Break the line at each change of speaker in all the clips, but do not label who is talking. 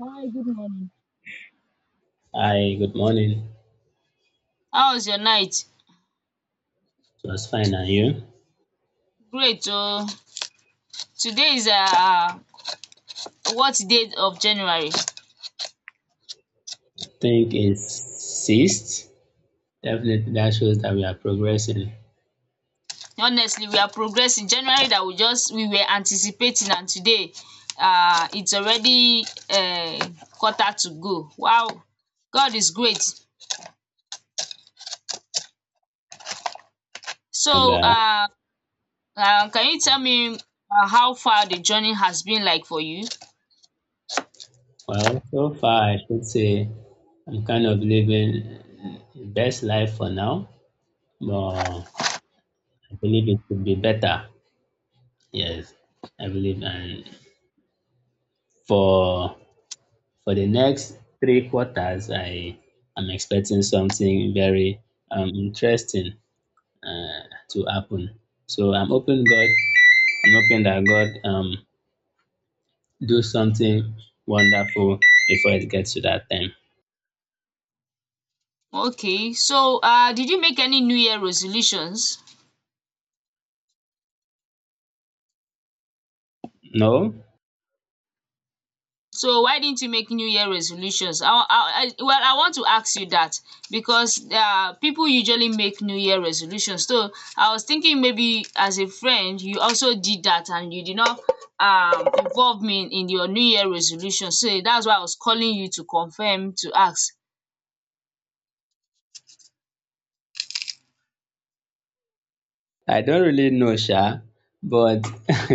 Hi, good morning.
Hi, good morning.
How was your night?
It was fine, and you?
Great oh. Today is what date of January?
Think it's ceased. Definitely, that shows that we are progressing.
Honestly, we are progressing. January that we just we were anticipating and today it's already quarter to go. Wow! God is great.
And
So uh, um can you tell me how far the journey has been like for you?
well, so far, I should say I'm kind of living the best life for now, but I believe it could be better. Yes, I believe, and for for the next three quarters, I am expecting something very interesting uh, to happen. So I'm hoping that God do something wonderful before it gets to that time.
Okay, so did you make any New Year resolutions?
No,
So why didn't you make New Year resolutions? Well, I want to ask you that because people usually make New Year resolutions. So I was thinking maybe as a friend, you also did that and you did not involve me in your New Year resolution. So that's why I was calling you to confirm to ask.
I don't really know, Sha, but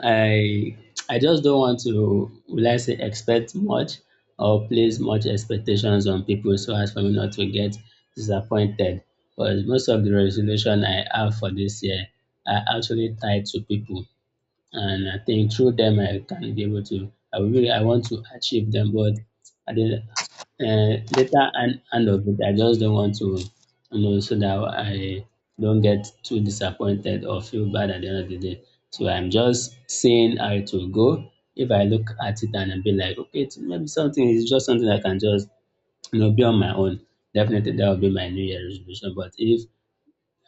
I I just don't want to, will I say, expect much or place much expectations on people so as for me not to get disappointed. Because most of the resolution I have for this year are actually tied to people. And I think through them I can be able to, I will really, I want to achieve them, but at the end of it, I just don't want to, so that I don't get too disappointed or feel bad at the end of the day. So I'm just seeing how it will go. If I look at it and I be like, okay, it's maybe something, is just something I can just, be on my own. Definitely that will be my New Year resolution. But if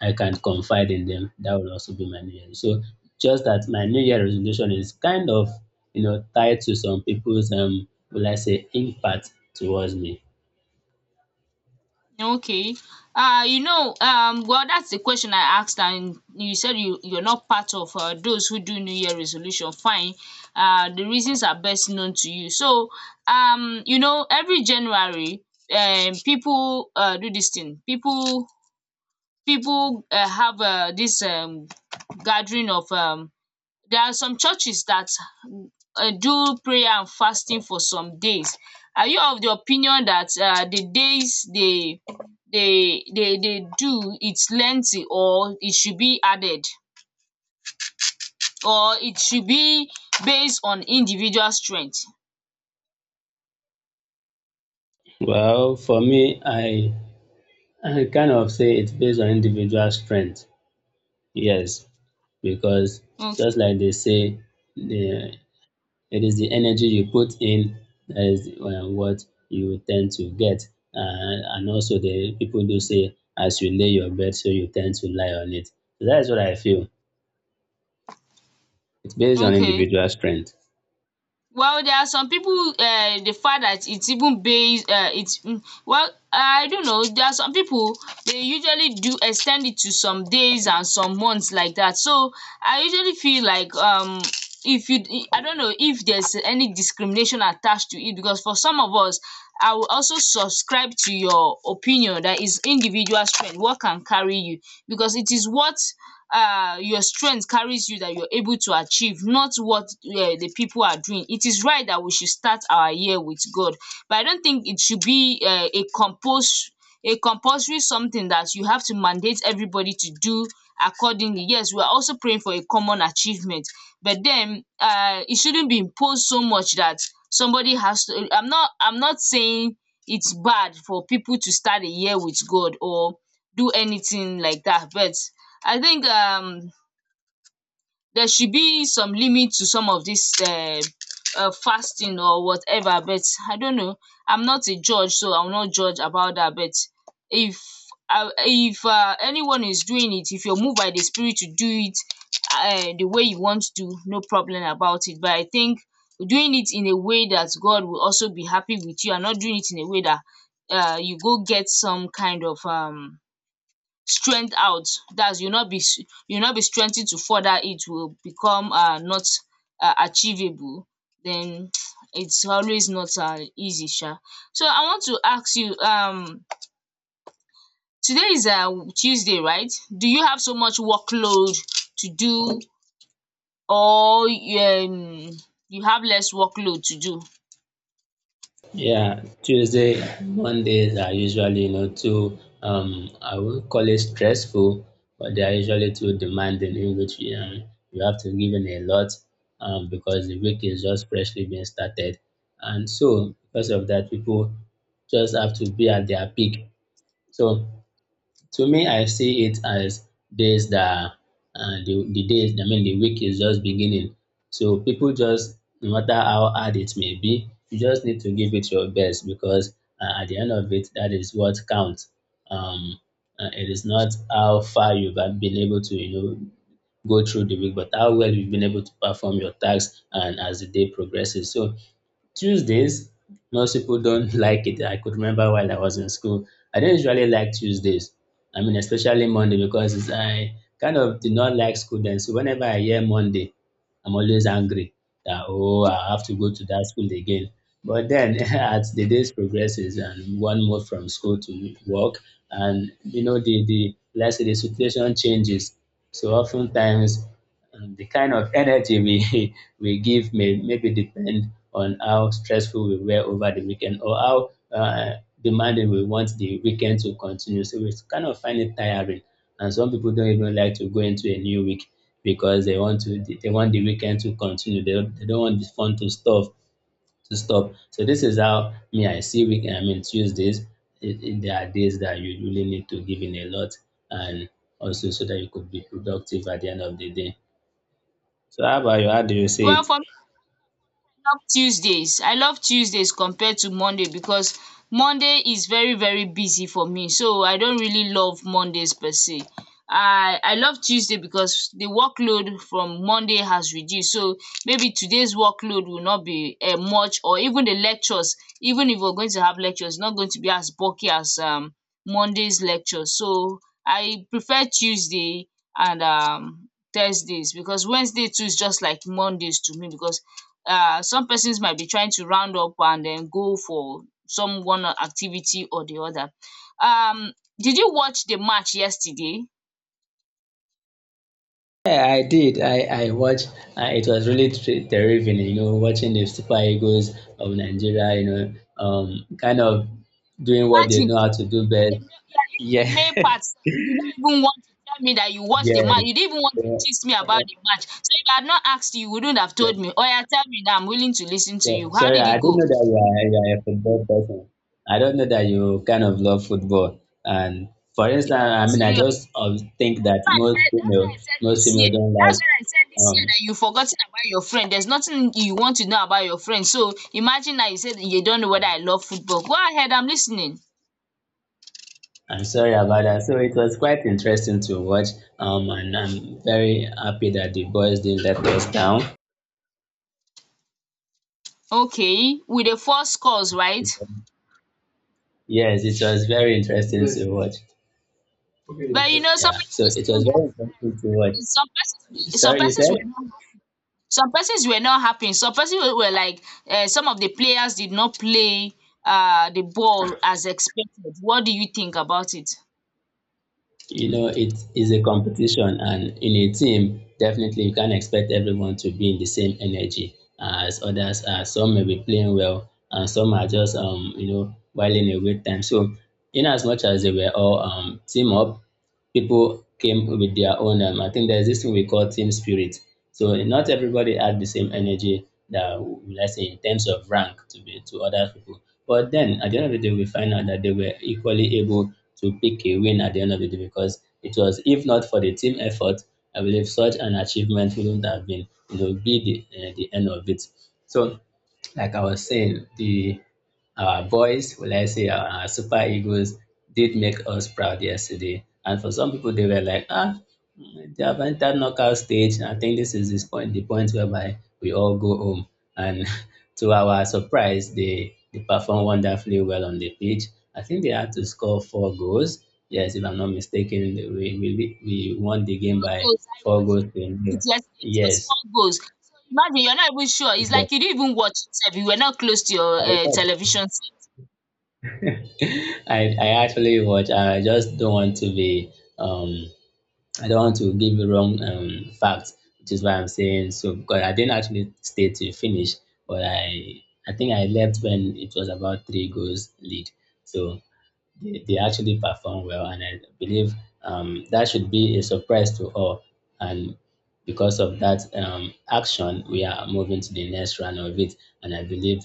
I can confide in them. That will also be my New Year. So just that my New Year resolution is kind of, tied to some people's, will I say, impact towards me.
Okay. You know, well, that's the question I asked, and you said you're not part of those who do New Year resolution. Fine. The reasons are best known to you. So, you know, every January, people do this thing. People have this gathering of there are some churches that do prayer and fasting for some days. Are you of the opinion that the days they do is lengthy or it should be added or it should be based on individual strength?
Well, for me, I kind of say it's based on individual strength. Yes, because just like they say, the it is the energy you put in that is, what you tend to get. And also the people do say, as you lay your bed so you tend to lie on it. So that is what I feel. It's based on
Okay.
individual strength.
Well, there are some people the fact that it's even based it's well I don't know, there are some people they usually do extend it to some days and some months like that. So I usually feel like if you, I don't know if there's any discrimination attached to it, because for some of us I will also subscribe to your opinion that is individual strength what can carry you, because it is what your strength carries you that you're able to achieve, not what the people are doing. It is right that we should start our year with God, but I don't think it should be a compose a compulsory something that you have to mandate everybody to do accordingly. Yes, we are also praying for a common achievement, but then it shouldn't be imposed so much that somebody has to, I'm not saying it's bad for people to start a year with God or do anything like that, but I think there should be some limit to some of this fasting or whatever, but I don't know. I'm not a judge, so I will not judge about that. But if anyone is doing it, if you're moved by the spirit to do it the way you want to, no problem about it. But I think doing it in a way that God will also be happy with you, and not doing it in a way that you go get some kind of strength out. That's you not be You not be strengthen to further it, will become not achievable. Then it's always not easy. So I want to ask you, today is Tuesday, right? Do you have so much workload to do, or you, you have less workload to do?
Yeah, Tuesday, Mondays are usually, you know, too, I won't call it stressful, but they are usually too demanding, in which you, you have to give in a lot, because the week is just freshly being started. And so, because of that, people just have to be at their peak. So, to me, I see it as days that, the days, I mean, the week is just beginning. So people just, no matter how hard it may be, you just need to give it your best because, at the end of it, that is what counts. Um, it is not how far you've been able to, you know, go through the week, but how well you've been able to perform your tasks and as the day progresses. So Tuesdays, most people don't like it. I could remember while I was in school, I didn't usually like Tuesdays. I mean, especially Monday because it's, I kind of did not like school then. So whenever I hear Monday, I'm always angry that, oh, I have to go to that school again. But then, as the days progresses and one move from school to work, and you know the, let's say, the situation changes. So oftentimes, the kind of energy we we give may, maybe depend on how stressful we were over the weekend or how, demanding we want the weekend to continue. So we kind of find it tiring, and some people don't even like to go into a new week because they want the weekend to continue. They don't want the fun to stop to stop. So this is how me I see week. I mean Tuesdays. There are days that you really need to give in a lot, and also so that you could be productive at the end of the day. So how about you? How do you see
Well,
it?
for love Tuesdays. I love Tuesdays compared to Monday, because Monday is very very busy for me. So I don't really love Mondays per se. I love Tuesday because the workload from Monday has reduced. So maybe today's workload will not be much, or even the lectures, even if we're going to have lectures, not going to be as bulky as Monday's lectures. So I prefer Tuesday and Thursdays, because Wednesday too is just like Mondays to me, because some persons might be trying to round up and then go for some one activity or the other. Um did you watch the match yesterday?
Yeah, I did. I watched. It was really terrific, you know, watching the Super Eagles of Nigeria, you know, kind of doing what they
Imagine,
know how to do best.
even the male, yeah, even
Yeah,
the male part, you did not even want to tell me that you watched
yeah,
the match.
yeah.
You didn't even want to
So-
gist me about
so-
the match. So if I had not asked you, you wouldn't have told me. Oh, Oya tell me now, I'm willing to listen to you. How
Sorry,
did it
I don't
go?
know that you are a football person. I don't know that you kind of love football. And for instance,
You
I mean, I
serious?
just, think that
Why I said That's why I said
most
this
female
year.
don't like,
That's when I said this year
um
that you've forgotten about your friend. There's nothing you want to know about your friend. So imagine that you said you don't know whether I love football. Go ahead, I'm listening.
I'm sorry about that. So it was quite interesting to watch, and I'm very happy that the boys didn't let us down.
Okay, with the four scores, right?
Yes, it was very interesting to watch.
But you know,
Yeah,
somebody
so
was
it
saying
was
that
very interesting to watch.
some persons were,
Sorry, you said?
some persons were not happy. Some persons were like some of the players did not play the ball as expected. What do you think about it?
You know, it is a competition, and in a team, definitely you can't expect everyone to be in the same energy as others are. Some may be playing well, and some are just, you know, whiling away time. So, in as much as they were all, team up, people came with their own, I think there's this thing we call team spirit, so not everybody had the same energy that, let's say, in terms of rank to be to other people, but then at the end of the day we find out that they were equally able to pick a win at the end of the day, because it was, if not for the team effort, I believe such an achievement wouldn't have been, you know, be the end of it. So like I was saying, the our boys, will I say, our super egos did make us proud yesterday. And for some people, they were like, ah, mm, they have entered knockout stage. I think this is this point, the point whereby we all go home. And to our surprise, they performed wonderfully well on the pitch. I think they had to score four goals. Yes, if I'm not mistaken, we won the game
Four
by
goals. I
four
watched
goals to
it
nil.
yesterday. It was
Yes.
four goals. So imagine you're not even sure. It's
yes.
like you didn't even watch it sef. You were not close to your television set.
I actually watch. I just don't want to be, um I don't want to give you wrong, facts, which is why I'm saying so because I didn't actually stay to finish, but I think I left when it was about three goals lead. So they actually perform well, and I believe, that should be a surprise to all, and because of that, action, we are moving to the next round of it, and I believe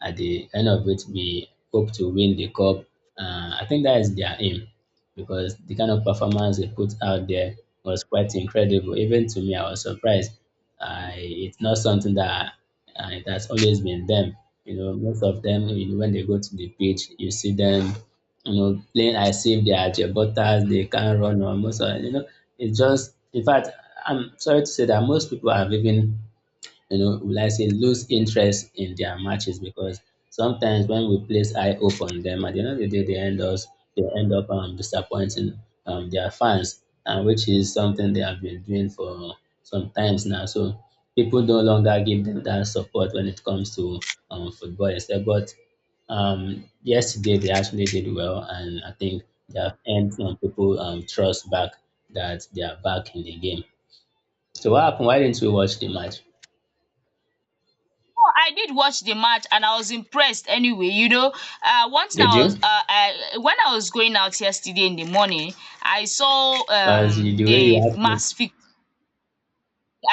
at the end of it we hope to win the cup. Uh, I think that is their aim, because the kind of performance they put out there was quite incredible. Even to me, I was surprised. I It's not something that, it has always been them. You know, most of them, you know, when they go to the pitch you see them, you know, playing, I save the Ajebutas, they can't run, or most of, you know, it's just, in fact, I'm sorry to say that most people have even, you know, will I say, lose interest in their matches, because sometimes when we place high hope on them, at the end of the day, they end up, disappointing, their fans, and which is something they have been doing for some times now. So people no longer give them that support when it comes to, football instead. But, yesterday they actually did well, and I think they have earned some people, trust back, that they are back in the game. So what happened? Why didn't we watch the match?
So I did watch the match and I was impressed anyway, you know. One thing
Did
I was
you?
when I was going out yesterday in the morning, I saw
But as the
the
way you asked me,
mass fixture,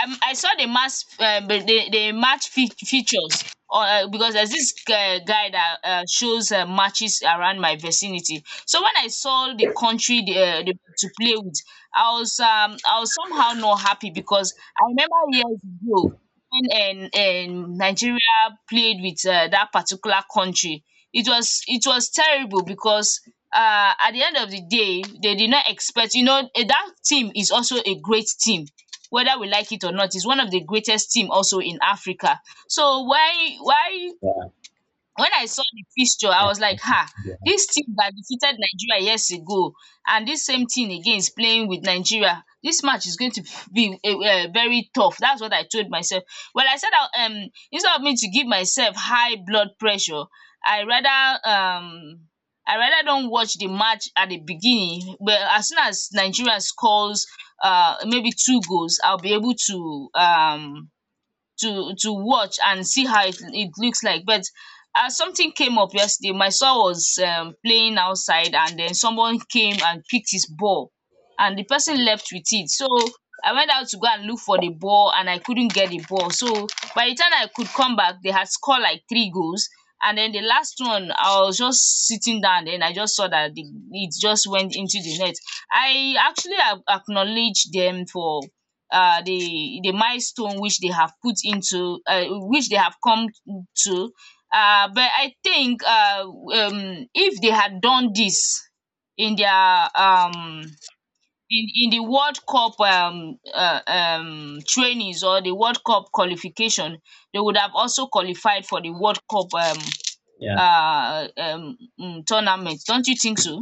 I saw the mass the match fea features, because there's this guy that shows matches around my vicinity. So when I saw the country, the to play with, I was somehow not happy, because I remember years ago when Nigeria played with that particular country. It was terrible, because at the end of the day they did not expect, you know, that team is also a great team, whether we like it or not, is one of the greatest team also in Africa. So why
yeah,
when I saw the fixture, I
yeah,
was like, "Ha!
yeah,
This team that defeated Nigeria years ago, and this same team again is playing with Nigeria. This match is going to be a very tough." That's what I told myself. Well, I said that instead of me to give myself high blood pressure, I rather um I rather don't watch the match at the beginning. But as soon as Nigeria scores maybe two goals, I'll be able to to watch and see how it looks like. But something came up yesterday, my son was playing outside, and then someone came and picked his ball, and the person left with it. So I went out to go and look for the ball, and I couldn't get the ball. So by the time I could come back, they had scored like three goals, and then the last one, I was just sitting down and I just saw that it just went into the net. I actually acknowledged them for the milestone which they have put into, which they have come to. But I think if they had done this in their um, in the World Cup trainings, or the World Cup qualification, they would have also qualified for the World Cup
yeah,
tournament. Don't you think so?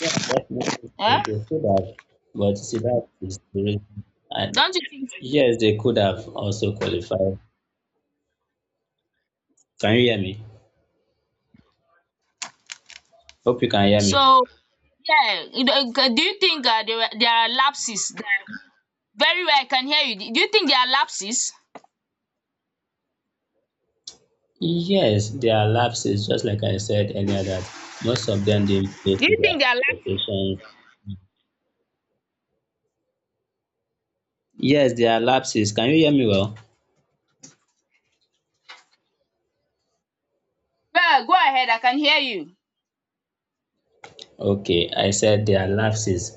yeah, definitely
Eh?
they could have. But you see, that is the reason. And
Don't you think so?
yes, they could have also qualified. Can you hear me? Hope you can hear me.
So, yeah, you know, do you think there are lapses there? Very well, I can hear you. Do you think there are lapses?
Yes, there are lapses, just like I said earlier, that most of them didn't play
Do
to
you think
their
there are lapses?
expectations. Yes, there are lapses. Can you hear me well?
Well, go ahead, I can hear you.
Okay, I said there are lapses.